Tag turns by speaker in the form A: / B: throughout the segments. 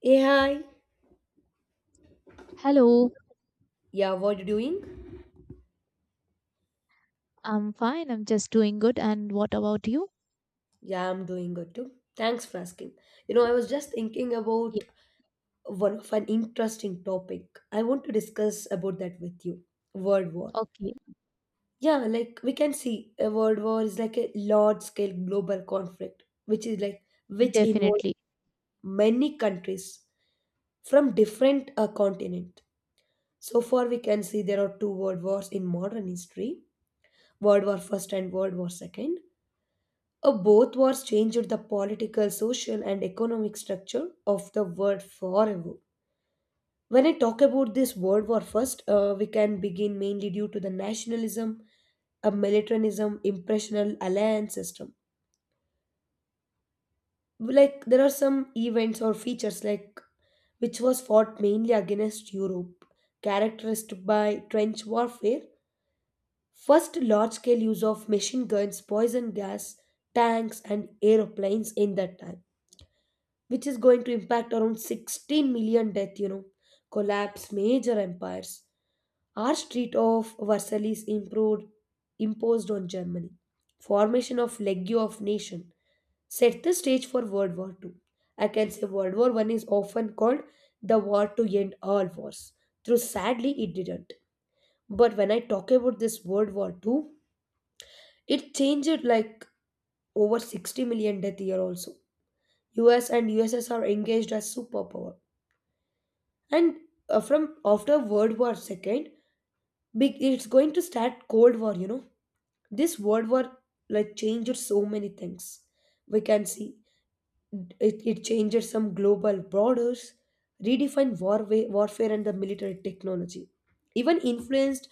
A: Hey, hi.
B: Hello,
A: Yeah, what you doing?
B: I'm fine. I'm just doing good. And what about you?
A: Yeah, I'm doing good too. Thanks for asking. I was just thinking
B: Yeah,
A: about one of an interesting topic. I want to discuss about that with you. World War.
B: okay,
A: Yeah, like we can see a world war is like a large scale global conflict, which is like which involves
B: definitely.
A: many countries from different continent. So far, we can see there are two world wars in modern history: World War First and World War Second. Both wars changed the political, social, and economic structure of the world forever. When I talk about this World War First, we can begin mainly due to the nationalism, a militarism, impressional alliance system. Like there are some events or features like which was fought mainly against Europe, characterized by trench warfare, first large-scale use of machine guns, poison gas, tanks, and aeroplanes in that time, which is going to impact around 16 million death, collapse major empires, our street of Versailles improved, imposed on Germany, formation of legio of nation, set the stage for World War Two. I can say World War One is often called the war to end all wars. Though sadly it didn't, but when I talk about this World War Two, it changed like over 60 million death year. Also, US and USSR engaged as superpower, and from after World War Second, big it's going to start cold war. This world war like changed so many things, we can see it changes some global borders, redefined war, warfare and the military technology, even influenced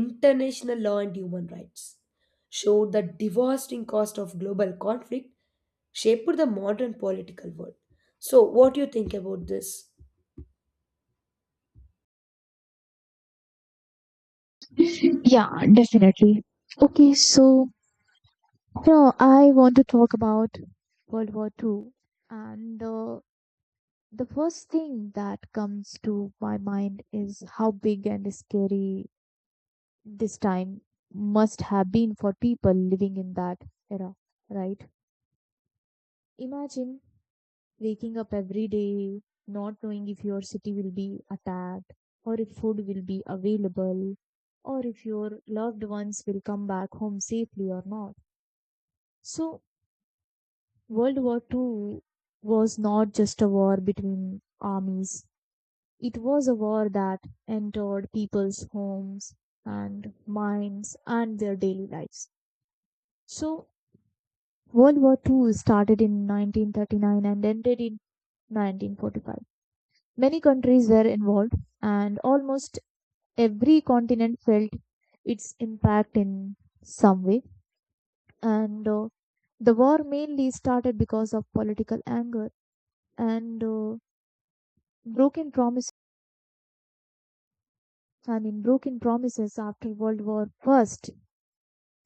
A: international law and human rights, showed the devastating cost of global conflict, shaped the modern political world. So what do you think about this?
B: Yeah, definitely. Okay, so now I want to talk about World War Two. And The first thing that comes to my mind is how big and scary this time must have been for people living in that era, right? Imagine waking up every day, not knowing if your city will be attacked, or if food will be available, or if your loved ones will come back home safely or not. So world war II was not just a war between armies, it was a war that entered people's homes and minds and their daily lives. So world war II started in 1939 and ended in 1945. Many countries were involved, and almost every continent felt its impact in some way. And The war mainly started because of political anger and broken promises. I mean, broken promises after World War First,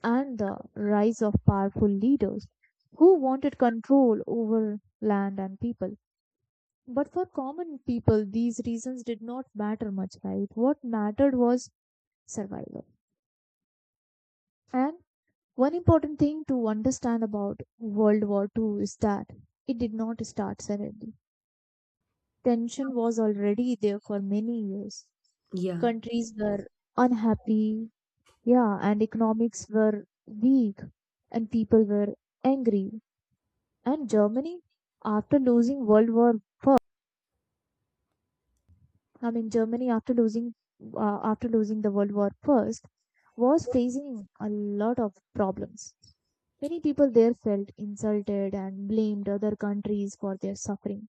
B: and the rise of powerful leaders who wanted control over land and people. But for common people, these reasons did not matter much, right? What mattered was survival. And one important thing to understand about World War Two is that it did not start suddenly. Tension was already there for many years.
A: Yeah.
B: Countries were unhappy, yeah, and economics were weak, and people were angry. And Germany, after losing World War, I mean Germany after losing the World War first, was facing a lot of problems. Many people there felt insulted and blamed other countries for their suffering.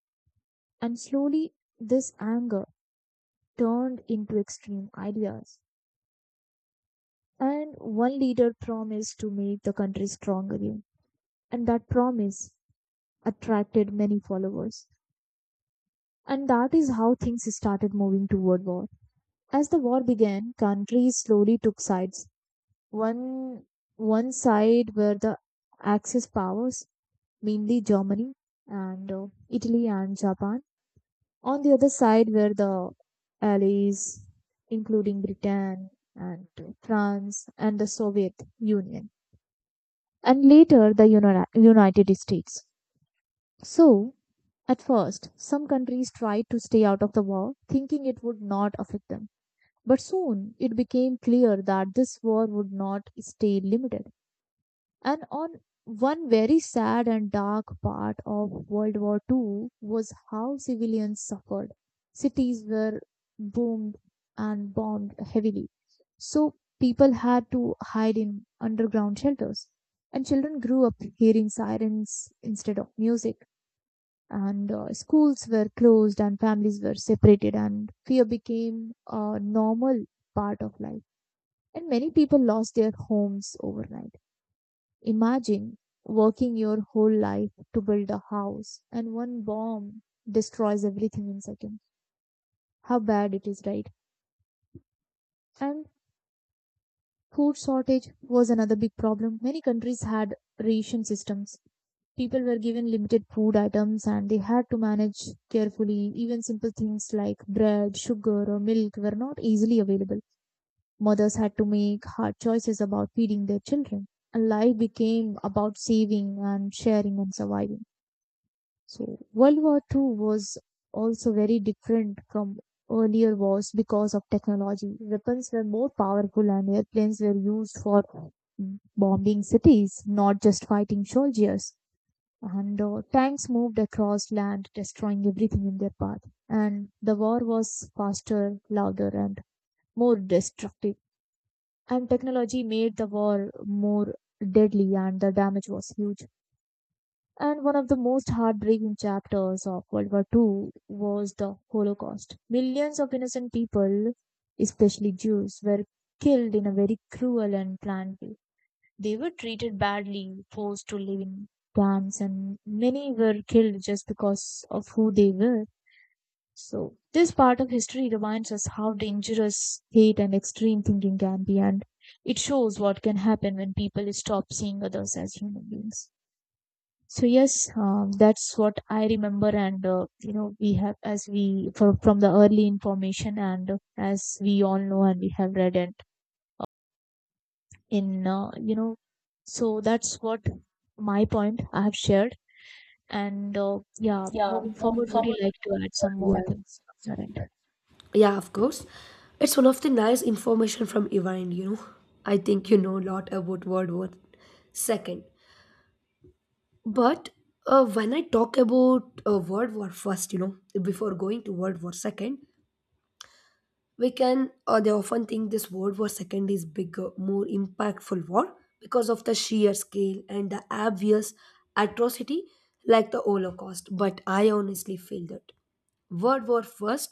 B: And slowly, this anger turned into extreme ideas. And one leader promised to make the country strong again. And that promise attracted many followers. And that is how things started moving toward war. As the war began, countries slowly took sides. One, one side were the Axis powers, mainly Germany and Italy and Japan. On the other side were the allies, including Britain and France and the Soviet Union, and later the United States. So, at first, some countries tried to stay out of the war, thinking it would not affect them. But soon it became clear that this war would not stay limited. And on one very sad and dark part of World War Two was how civilians suffered. Cities were boomed and bombed heavily. So people had to hide in underground shelters. And children grew up hearing sirens instead of music. And schools were closed, and families were separated, and fear became a normal part of life. And many people lost their homes overnight. Imagine working your whole life to build a house, and one bomb destroys everything in seconds. How bad it is, right? And food shortage was another big problem. Many countries had ration systems. People were given limited food items and they had to manage carefully. Even simple things like bread, sugar, or milk were not easily available. Mothers had to make hard choices about feeding their children. And life became about saving and sharing and surviving. So World War Two was also very different from earlier wars because of technology. Weapons were more powerful, and airplanes were used for bombing cities, not just fighting soldiers. And Tanks moved across land, destroying everything in their path. And the war was faster, louder, and more destructive. And technology made the war more deadly, and the damage was huge. And one of the most heartbreaking chapters of World War Two was the Holocaust. Millions of innocent people, especially Jews, were killed in a very cruel and planned way. They were treated badly, forced to live in camps, and many were killed just because of who they were. So, this part of history reminds us how dangerous hate and extreme thinking can be, and it shows what can happen when people stop seeing others as human beings. So yes, that's what I remember, and you know we have as we from the early information, and as we all know, and we have read it in so that's what my point I have shared, and yeah,
A: Yeah,
B: moving
A: moving
B: forward, would you
A: forward.
B: like to add some
A: Yeah.
B: more things from your end?
A: Yeah, of course. It's one of the nice information from Iran. I think you know a lot about World War Second. But when I talk about World War First, before going to World War Second, we can they often think this World War Second is bigger, more impactful war because of the sheer scale and the obvious atrocity like the Holocaust. But I honestly feel that World War First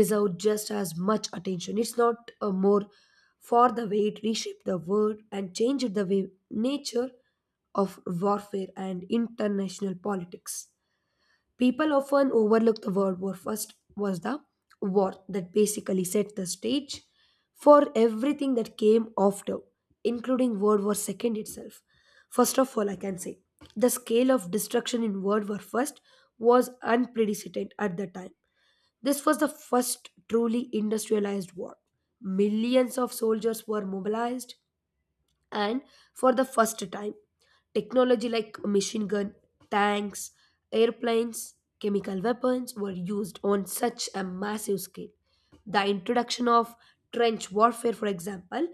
A: deserved just as much attention, it's not more for the way it reshaped the world and changed the way nature of warfare and international politics. People often overlook the World War First was the war that basically set the stage for everything that came after, including World War Second itself. First of all, I can say the scale of destruction in World War First was unprecedented at the time. This was the first truly industrialized war. Millions of soldiers were mobilized, and for the first time technology like machine gun, tanks, airplanes, chemical weapons were used on such a massive scale. The introduction of trench warfare, for example,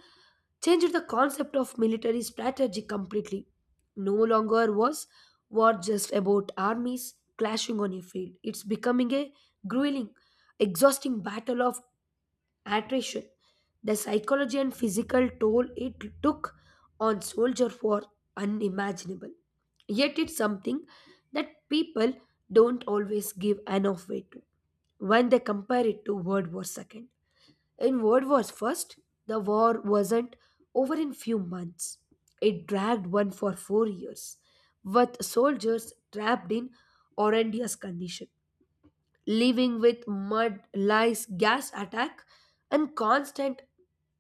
A: changed the concept of military strategy completely. No longer was war just about armies clashing on a field. It's becoming a grueling, exhausting battle of attrition. The psychology and physical toll it took on soldiers were unimaginable. Yet it's something that people don't always give enough weight to when they compare it to World War Second. In World War First, the war wasn't over in few months. It dragged on for 4 years, with soldiers trapped in horrendous condition, living with mud, lice, gas attack, and constant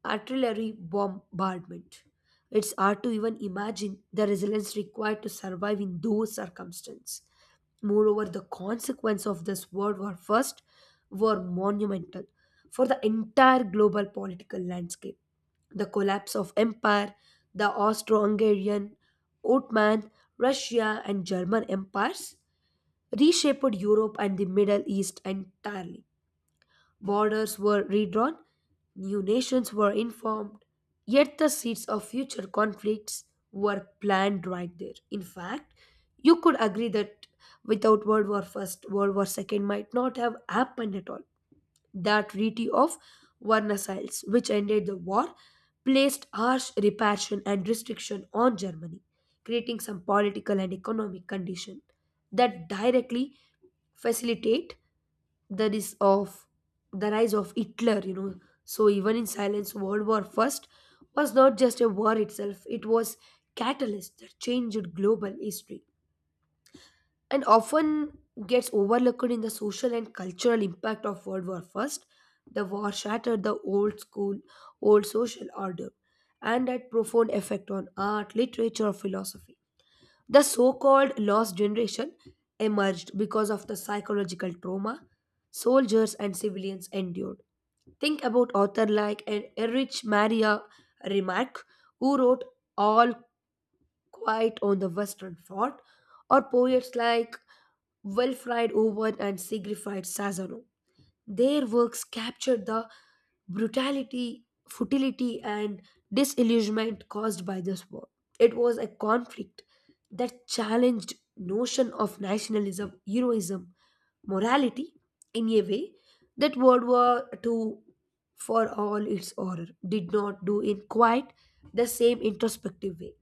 A: artillery bombardment. It's hard to even imagine the resilience required to survive in those circumstances. Moreover, the consequences of this World War First were monumental for the entire global political landscape. The collapse of empire, the Austro-Hungarian, Ottoman, Russia, and German empires reshaped Europe and the Middle East entirely. Borders were redrawn, new nations were informed, yet the seeds of future conflicts were planned right there. In fact, you could agree that without World War First, World War Second might not have happened at all. That Treaty of Versailles, which ended the war, placed harsh repression and restriction on Germany, creating some political and economic condition that directly facilitate the rise of the rise of Hitler. So even in silence, World War First was not just a war itself; it was catalyst that changed global history and often gets overlooked in the social and cultural impact of World War First. The war shattered the old school, old social order, and had profound effect on art, literature, philosophy. The so called lost generation emerged because of the psychological trauma soldiers and civilians endured. Think about author like Erich Maria Remarque, who wrote All Quiet on the Western Front, or poets like Wilfried Owen and Siegfried Sazonov. Their works captured the brutality, futility, and disillusionment caused by this war. It was a conflict that challenged notion of nationalism, heroism, morality in a way that World War II, for all its horror, did not do in quite the same introspective way.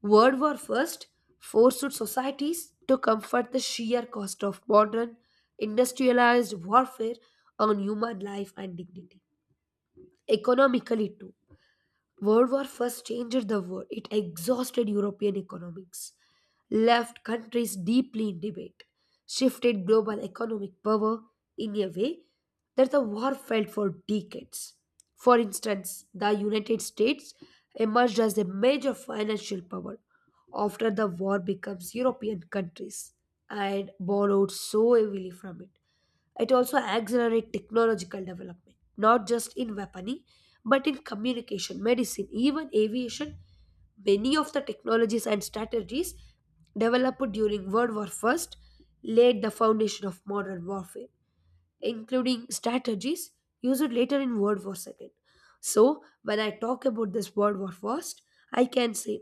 A: World War First forced societies to comfort the sheer cost of modern, industrialized warfare on human life and dignity. Economically, too. World War First changed the world. It exhausted European economics, left countries deeply in debate, shifted global economic power in a way that the war felt for decades. For instance, the United States emerged as a major financial power after the war becomes European countries and borrowed so heavily from it. It also accelerates technological development, not just in weaponry, but in communication, medicine, even aviation. Many of the technologies and strategies developed during World War I laid the foundation of modern warfare, including strategies used later in World War II. So, when I talk about this World War First, I can say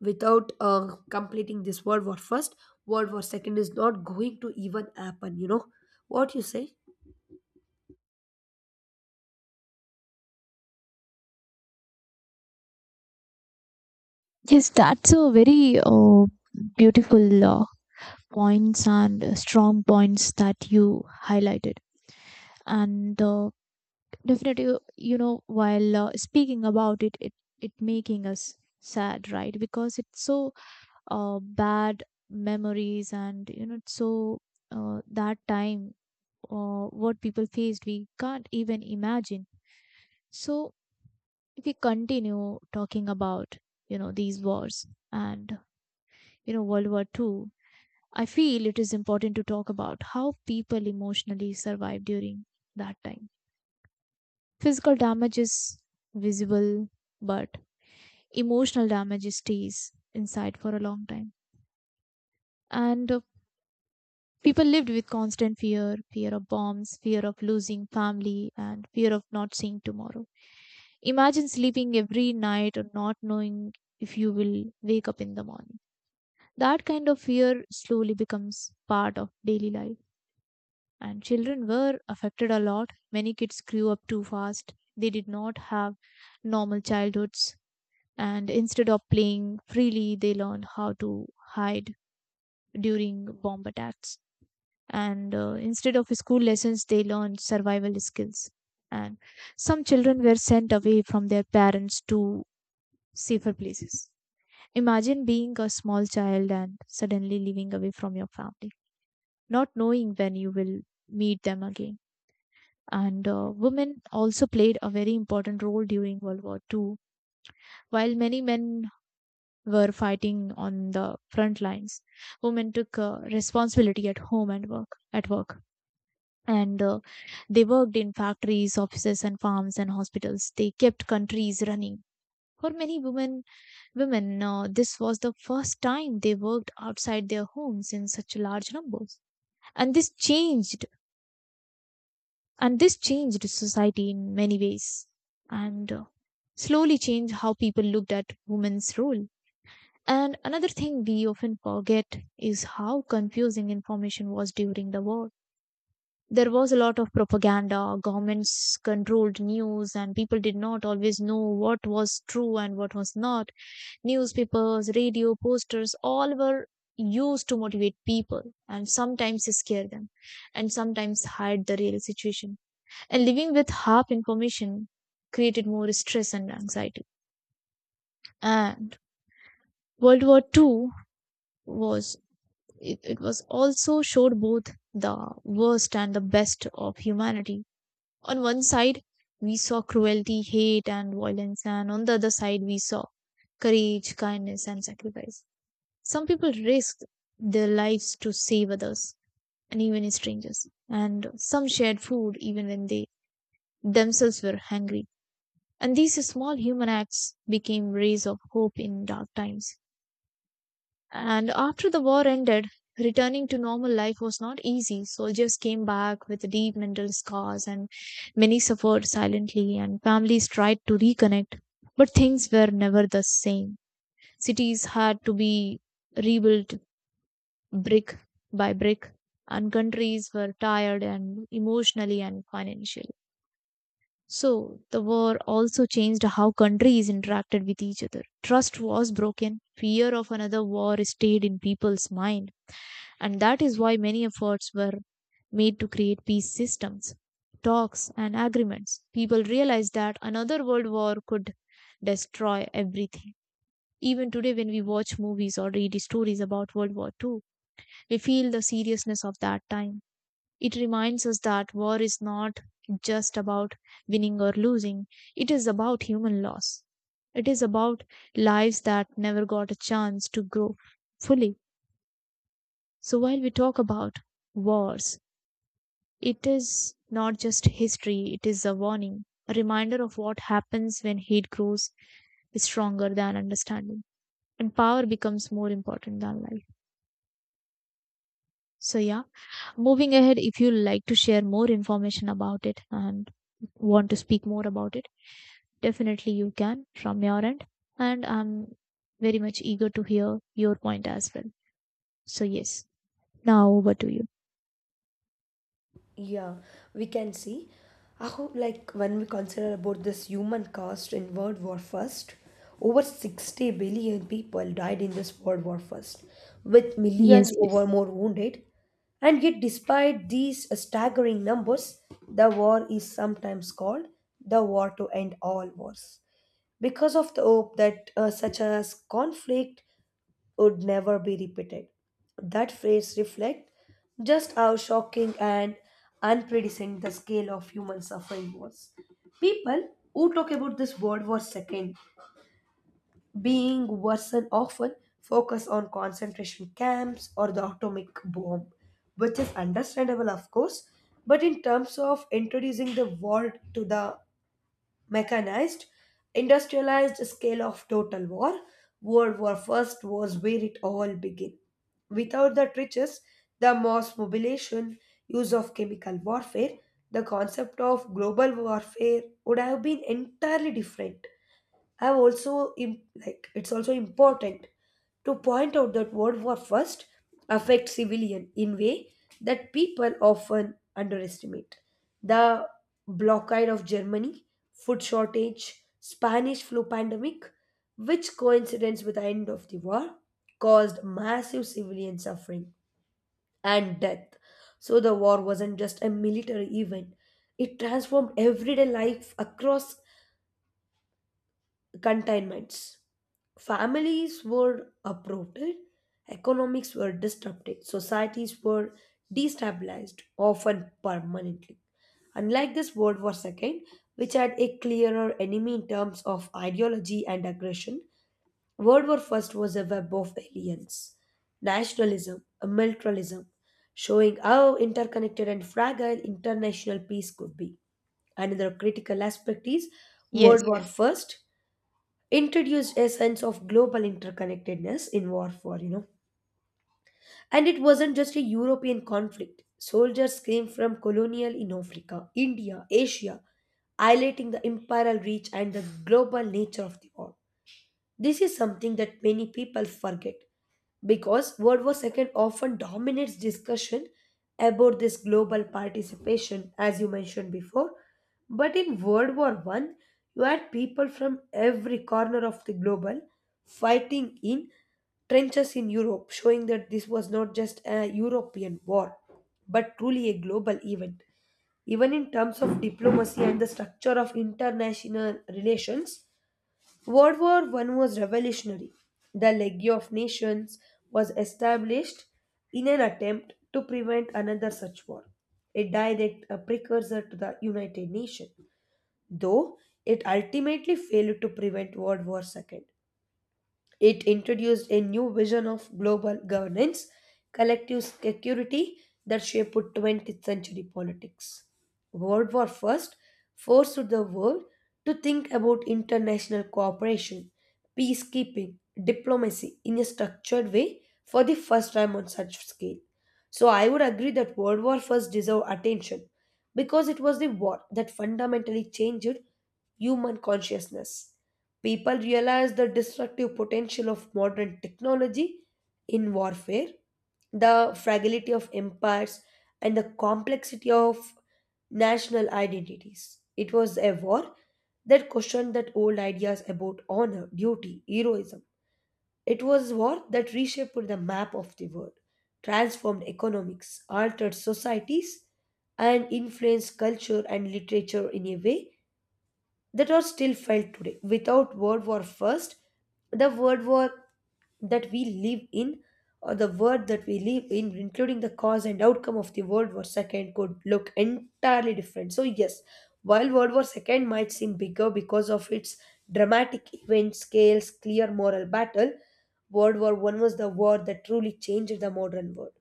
A: without completing this World War First, World War Second is not going to even happen. You know what you say?
B: Yes, that's a very beautiful points and strong points that you highlighted. And Definitely you know, while speaking about it, it making us sad, right? Because it's so bad memories, and you know it's so that time, what people faced we can't even imagine. So if we continue talking about, you know, these wars, and, you know, world war two, I feel it is important to talk about how people emotionally survived during that time. Physical damage is visible, but emotional damage stays inside for a long time. And People lived with constant fear, of bombs, fear of losing family, and fear of not seeing tomorrow. Imagine sleeping every night or not knowing if you will wake up in the morning. That kind of fear slowly becomes part of daily life. And children were affected a lot. Many kids grew up too fast. They did not have normal childhoods. And instead of playing freely, they learned how to hide during bomb attacks. And Instead of school lessons, they learned survival skills. And some children were sent away from their parents to safer places. Imagine being a small child and suddenly living away from your family, not knowing when you will meet them again. And Women also played a very important role during World War Two. While many men were fighting on the front lines, women took responsibility at work. And They worked in factories, offices and farms and hospitals. They kept countries running. For many women, this was the first time they worked outside their homes in such large numbers. And this changed and this changed society in many ways, and slowly changed how people looked at women's role. And another thing we often forget is how confusing information was during the war. There was a lot of propaganda, governments controlled news, and people did not always know what was true and what was not. Newspapers, radio, posters, all were used to motivate people, and sometimes scare them, and sometimes hide the real situation. And living with half information created more stress and anxiety. And World War II was, it was also showed both the worst and the best of humanity. On one side, we saw cruelty, hate, and violence, and on the other side, we saw courage, kindness, and sacrifice. Some people risked their lives to save others, and even strangers, and some shared food even when they themselves were hungry. And these small human acts became rays of hope in dark times. And after the war ended, returning to normal life was not easy. Soldiers came back with deep mental scars, and many suffered silently, and families tried to reconnect. But things were never the same. Cities had to be rebuilt brick by brick, and countries were tired and emotionally and financially. So, the war also changed how countries interacted with each other. Trust was broken, fear of another war stayed in people's mind, and that is why many efforts were made to create peace systems, talks, and agreements. People realized that another world war could destroy everything. Even today, when we watch movies or read stories about World War II, we feel the seriousness of that time. It reminds us that war is not just about winning or losing, it is about human loss. It is about lives that never got a chance to grow fully. So, while we talk about wars, it is not just history, it is a warning, a reminder of what happens when hate grows stronger than understanding and power becomes more important than life. So, yeah, moving ahead, if you like to share more information about it and want to speak more about it, definitely you can from your end. And I'm very much eager to hear your point as well. So, yes, now over to you.
A: Yeah, we can see how, like, when we consider about this human cost in World War First, over 60 billion people died in this World War First, with
B: Yes,
A: millions
B: yes.
A: over more wounded. And yet, despite these staggering numbers, the war is sometimes called the war to end all wars because of the hope that such as conflict would never be repeated. That phrase reflects just how shocking and unpredictable the scale of human suffering was. People who talk about this World War II being worsened often focus on concentration camps or the atomic bomb, which is understandable, of course, but in terms of introducing the war to the mechanized, industrialized scale of total war, World War I was where it all began. Without the trenches, the mass mobilization, use of chemical warfare, the concept of global warfare would have been entirely different. I've also like it's also important to point out that World War First affects civilian in way that people often underestimate. The blockade of Germany, food shortage, Spanish flu pandemic, which coincidence with the end of the war, caused massive civilian suffering and death. So the war wasn't just a military event; it transformed everyday life across containments. Families were uprooted, economics were disrupted, societies were destabilized, often permanently. Unlike this World War II, which had a clearer enemy in terms of ideology and aggression, World War I was a web of aliens, nationalism, and militarism, showing how interconnected and fragile international peace could be. Another critical aspect is
B: Yes.
A: World War. Yes. I introduced a sense of global interconnectedness in warfare. And it wasn't just a European conflict. Soldiers came from colonial in Africa, India, Asia, highlighting the imperial reach and the global nature of the war. This is something that many people forget because World War II often dominates discussion about this global participation, as you mentioned before. But in World War One, you had people from every corner of the global fighting in trenches in Europe, showing that this was not just a European war, but truly a global event. Even in terms of diplomacy and the structure of international relations, World War One was revolutionary. The League of Nations was established in an attempt to prevent another such war, a precursor to the United Nations, though it ultimately failed to prevent World War II. It introduced a new vision of global governance, collective security that shaped 20th century politics. World War I forced the world to think about international cooperation, peacekeeping, diplomacy in a structured way for the first time on such scale. So I would agree that World War I deserved attention because it was the war that fundamentally changed human consciousness. People realize the destructive potential of modern technology in warfare, the fragility of empires, and the complexity of national identities. It was a war that questioned that old ideas about honor, duty, heroism. It was war that reshaped the map of the world, transformed economics, altered societies, and influenced culture and literature in a way that are still felt today. Without World War First, the World War that we live in, or the world that we live in, including the cause and outcome of the World War Second, could look entirely different. So yes, while World War Second might seem bigger because of its dramatic event scales, clear moral battle, World War One was the war that truly changed the modern world.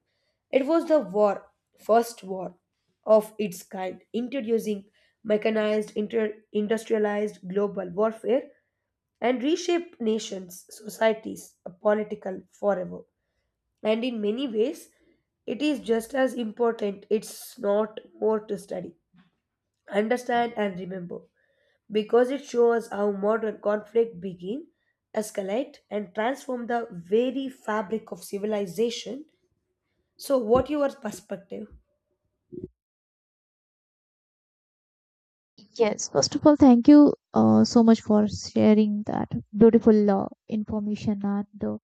A: It was the war, first war of its kind, introducing mechanized, industrialized global warfare and reshape nations, societies, political forever. And in many ways, it is just as important, it's not more to study, understand, and remember, because it shows how modern conflict begin, escalate, and transform the very fabric of civilization. So, what your perspective?
B: Yes, first of all, thank you so much for sharing that beautiful information and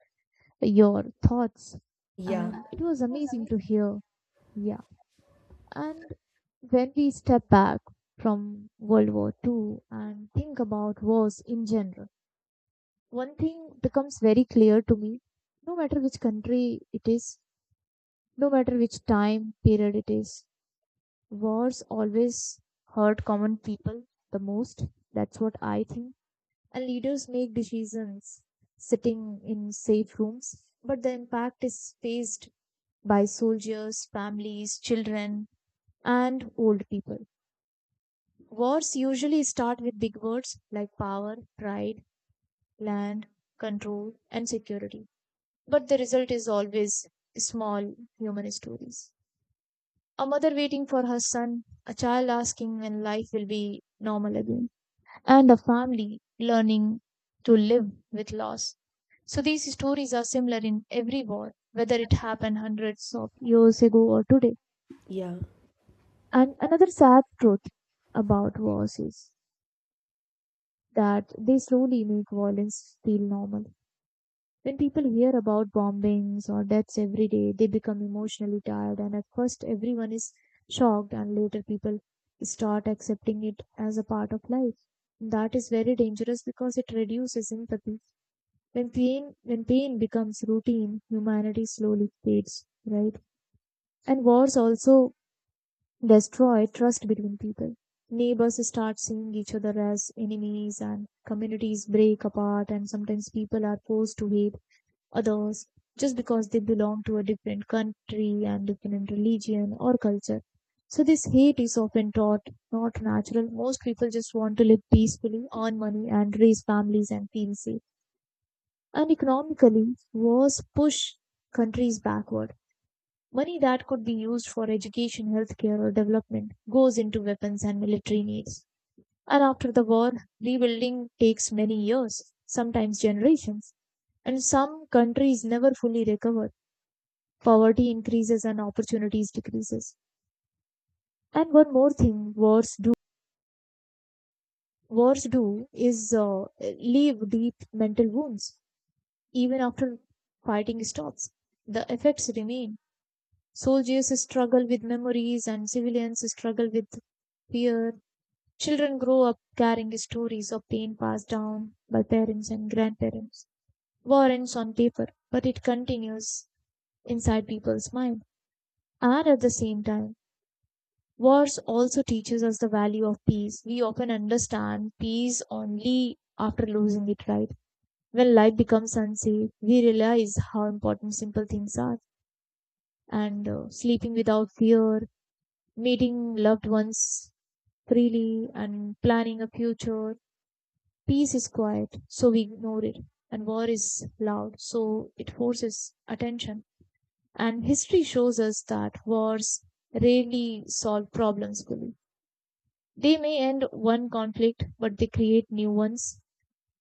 B: your thoughts.
A: Yeah,
B: And it was amazing to hear. Yeah. And when we step back from World War Two and think about wars in general, one thing becomes very clear to me. No matter which country it is, no matter which time period it is, wars always hurt common people the most. That's what I think, and leaders make decisions sitting in safe rooms, but the impact is faced by soldiers, families, children, and old people. Wars usually start with big words like power, pride, land, control, and security, but the result is always small human stories. A mother waiting for her son, a child asking when life will be normal again, and the family learning to live with loss. So these stories are similar in every war, whether it happened hundreds of years ago or today.
A: yeah.
B: And another sad truth about wars is that they slowly make violence feel normal. When people hear about bombings or deaths every day, they become emotionally tired, and at first everyone is shocked, and later people start accepting it as a part of life. That is very dangerous because it reduces empathy. When pain becomes routine, humanity slowly fades, right? And wars also destroy trust between people. Neighbors start seeing each other as enemies, and communities break apart, and sometimes people are forced to hate others just because they belong to a different country and different religion or culture. So, this hate is often taught, not natural. Most people just want to live peacefully, earn money, and raise families and feel safe. And economically, wars push countries backward. Money that could be used for education, healthcare, or development goes into weapons and military needs. And after the war, rebuilding takes many years, sometimes generations, and some countries never fully recover. Poverty increases and opportunities decreases. And one more thing wars do is leave deep mental wounds. Even after fighting stops, the effects remain. Soldiers struggle with memories and civilians struggle with fear. Children grow up carrying stories of pain passed down by parents and grandparents. War ends on paper, but it continues inside people's mind. And at the same time, wars also teaches us the value of peace. We often understand peace only after losing it, right? When life becomes unsafe, we realize how important simple things are. And Sleeping without fear, meeting loved ones freely and planning a future. Peace is quiet, so we ignore it. And war is loud, so it forces attention. And history shows us that wars rarely solve problems fully. They may end one conflict, but they create new ones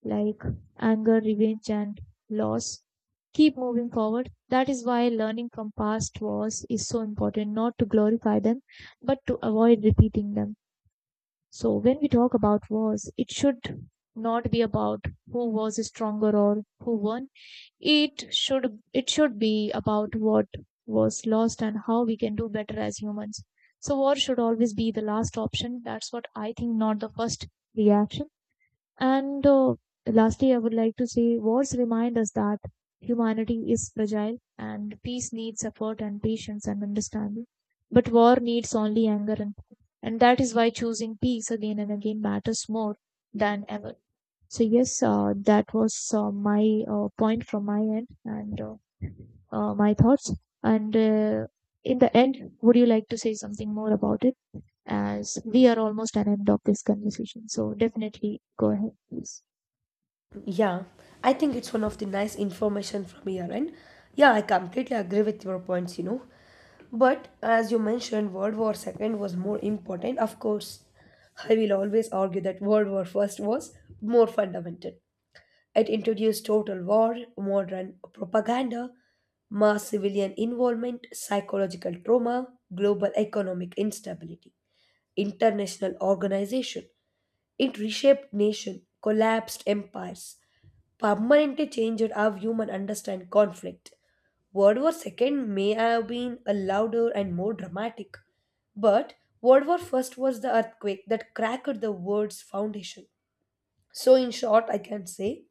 B: like anger, revenge, and loss. Keep moving forward. That is why learning from past wars is so important, not to glorify them, but to avoid repeating them. So when we talk about wars, it should not be about who was stronger or who won. It should be about what was lost and how we can do better as humans. So war should always be the last option. That's what I think, not the first reaction. And Lastly, I would like to say wars remind us that humanity is fragile and peace needs effort and patience and understanding. But war needs only anger, and that is why choosing peace again and again matters more than ever. So yes, that was my point from my end, and my thoughts. And In the end, would you like to say something more about it? As we are almost at the end of this conversation, so definitely go ahead, please.
A: Yeah, I think it's one of the nice information from your end. Yeah, I completely agree with your points. But as you mentioned, World War Second was more important. Of course, I will always argue that World War First was more fundamental. It introduced total war, modern propaganda, mass civilian involvement, psychological trauma, global economic instability, international organization, it reshaped nation, collapsed empires, permanently changed how human understand conflict. World War Second may have been a louder and more dramatic, but World War First was the earthquake that cracked the world's foundation. So, in short, I can say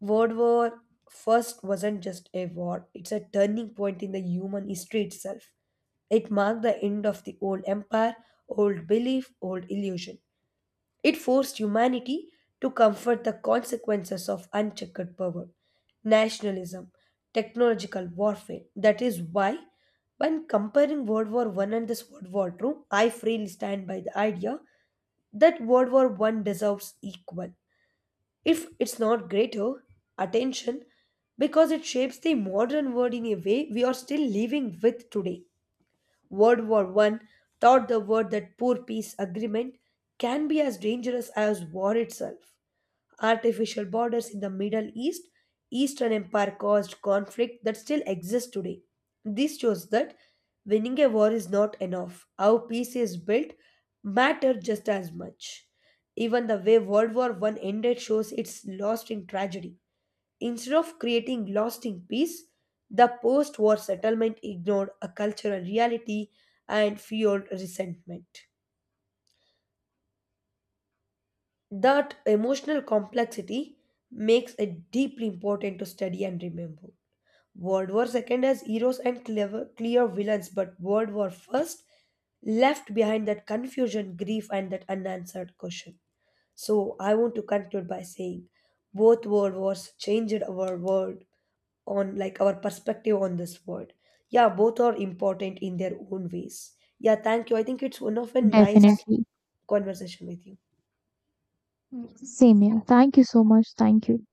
A: World War First wasn't just a war; it's a turning point in the human history itself. It marked the end of the old empire, old belief, old illusion. It forced humanity to comfort the consequences of unchecked power, nationalism, technological warfare. That is why, when comparing World War One and this World War Two, I freely stand by the idea that World War One deserves equal, if it's not greater, attention because it shapes the modern world in a way we are still living with today. World War One taught the world that poor peace agreement can be as dangerous as war itself. Artificial borders in the Middle East, Eastern Empire caused conflict that still exists today. This shows that winning a war is not enough. How peace is built matter just as much. Even the way World War One ended shows it's lost in tragedy. Instead of creating lasting peace, the post war settlement ignored a cultural reality and fueled resentment. That emotional complexity makes it deeply important to study and remember. World War II has heroes and clever, clear villains, but World War First left behind that confusion, grief, and that unanswered question. So I want to conclude by saying both world wars changed our world, on like our perspective on this world. Yeah, both are important in their own ways. Yeah, thank you. I think it's one of a nice
B: Definitely.
A: conversation with you.
B: Same here. Thank you so much. Thank you.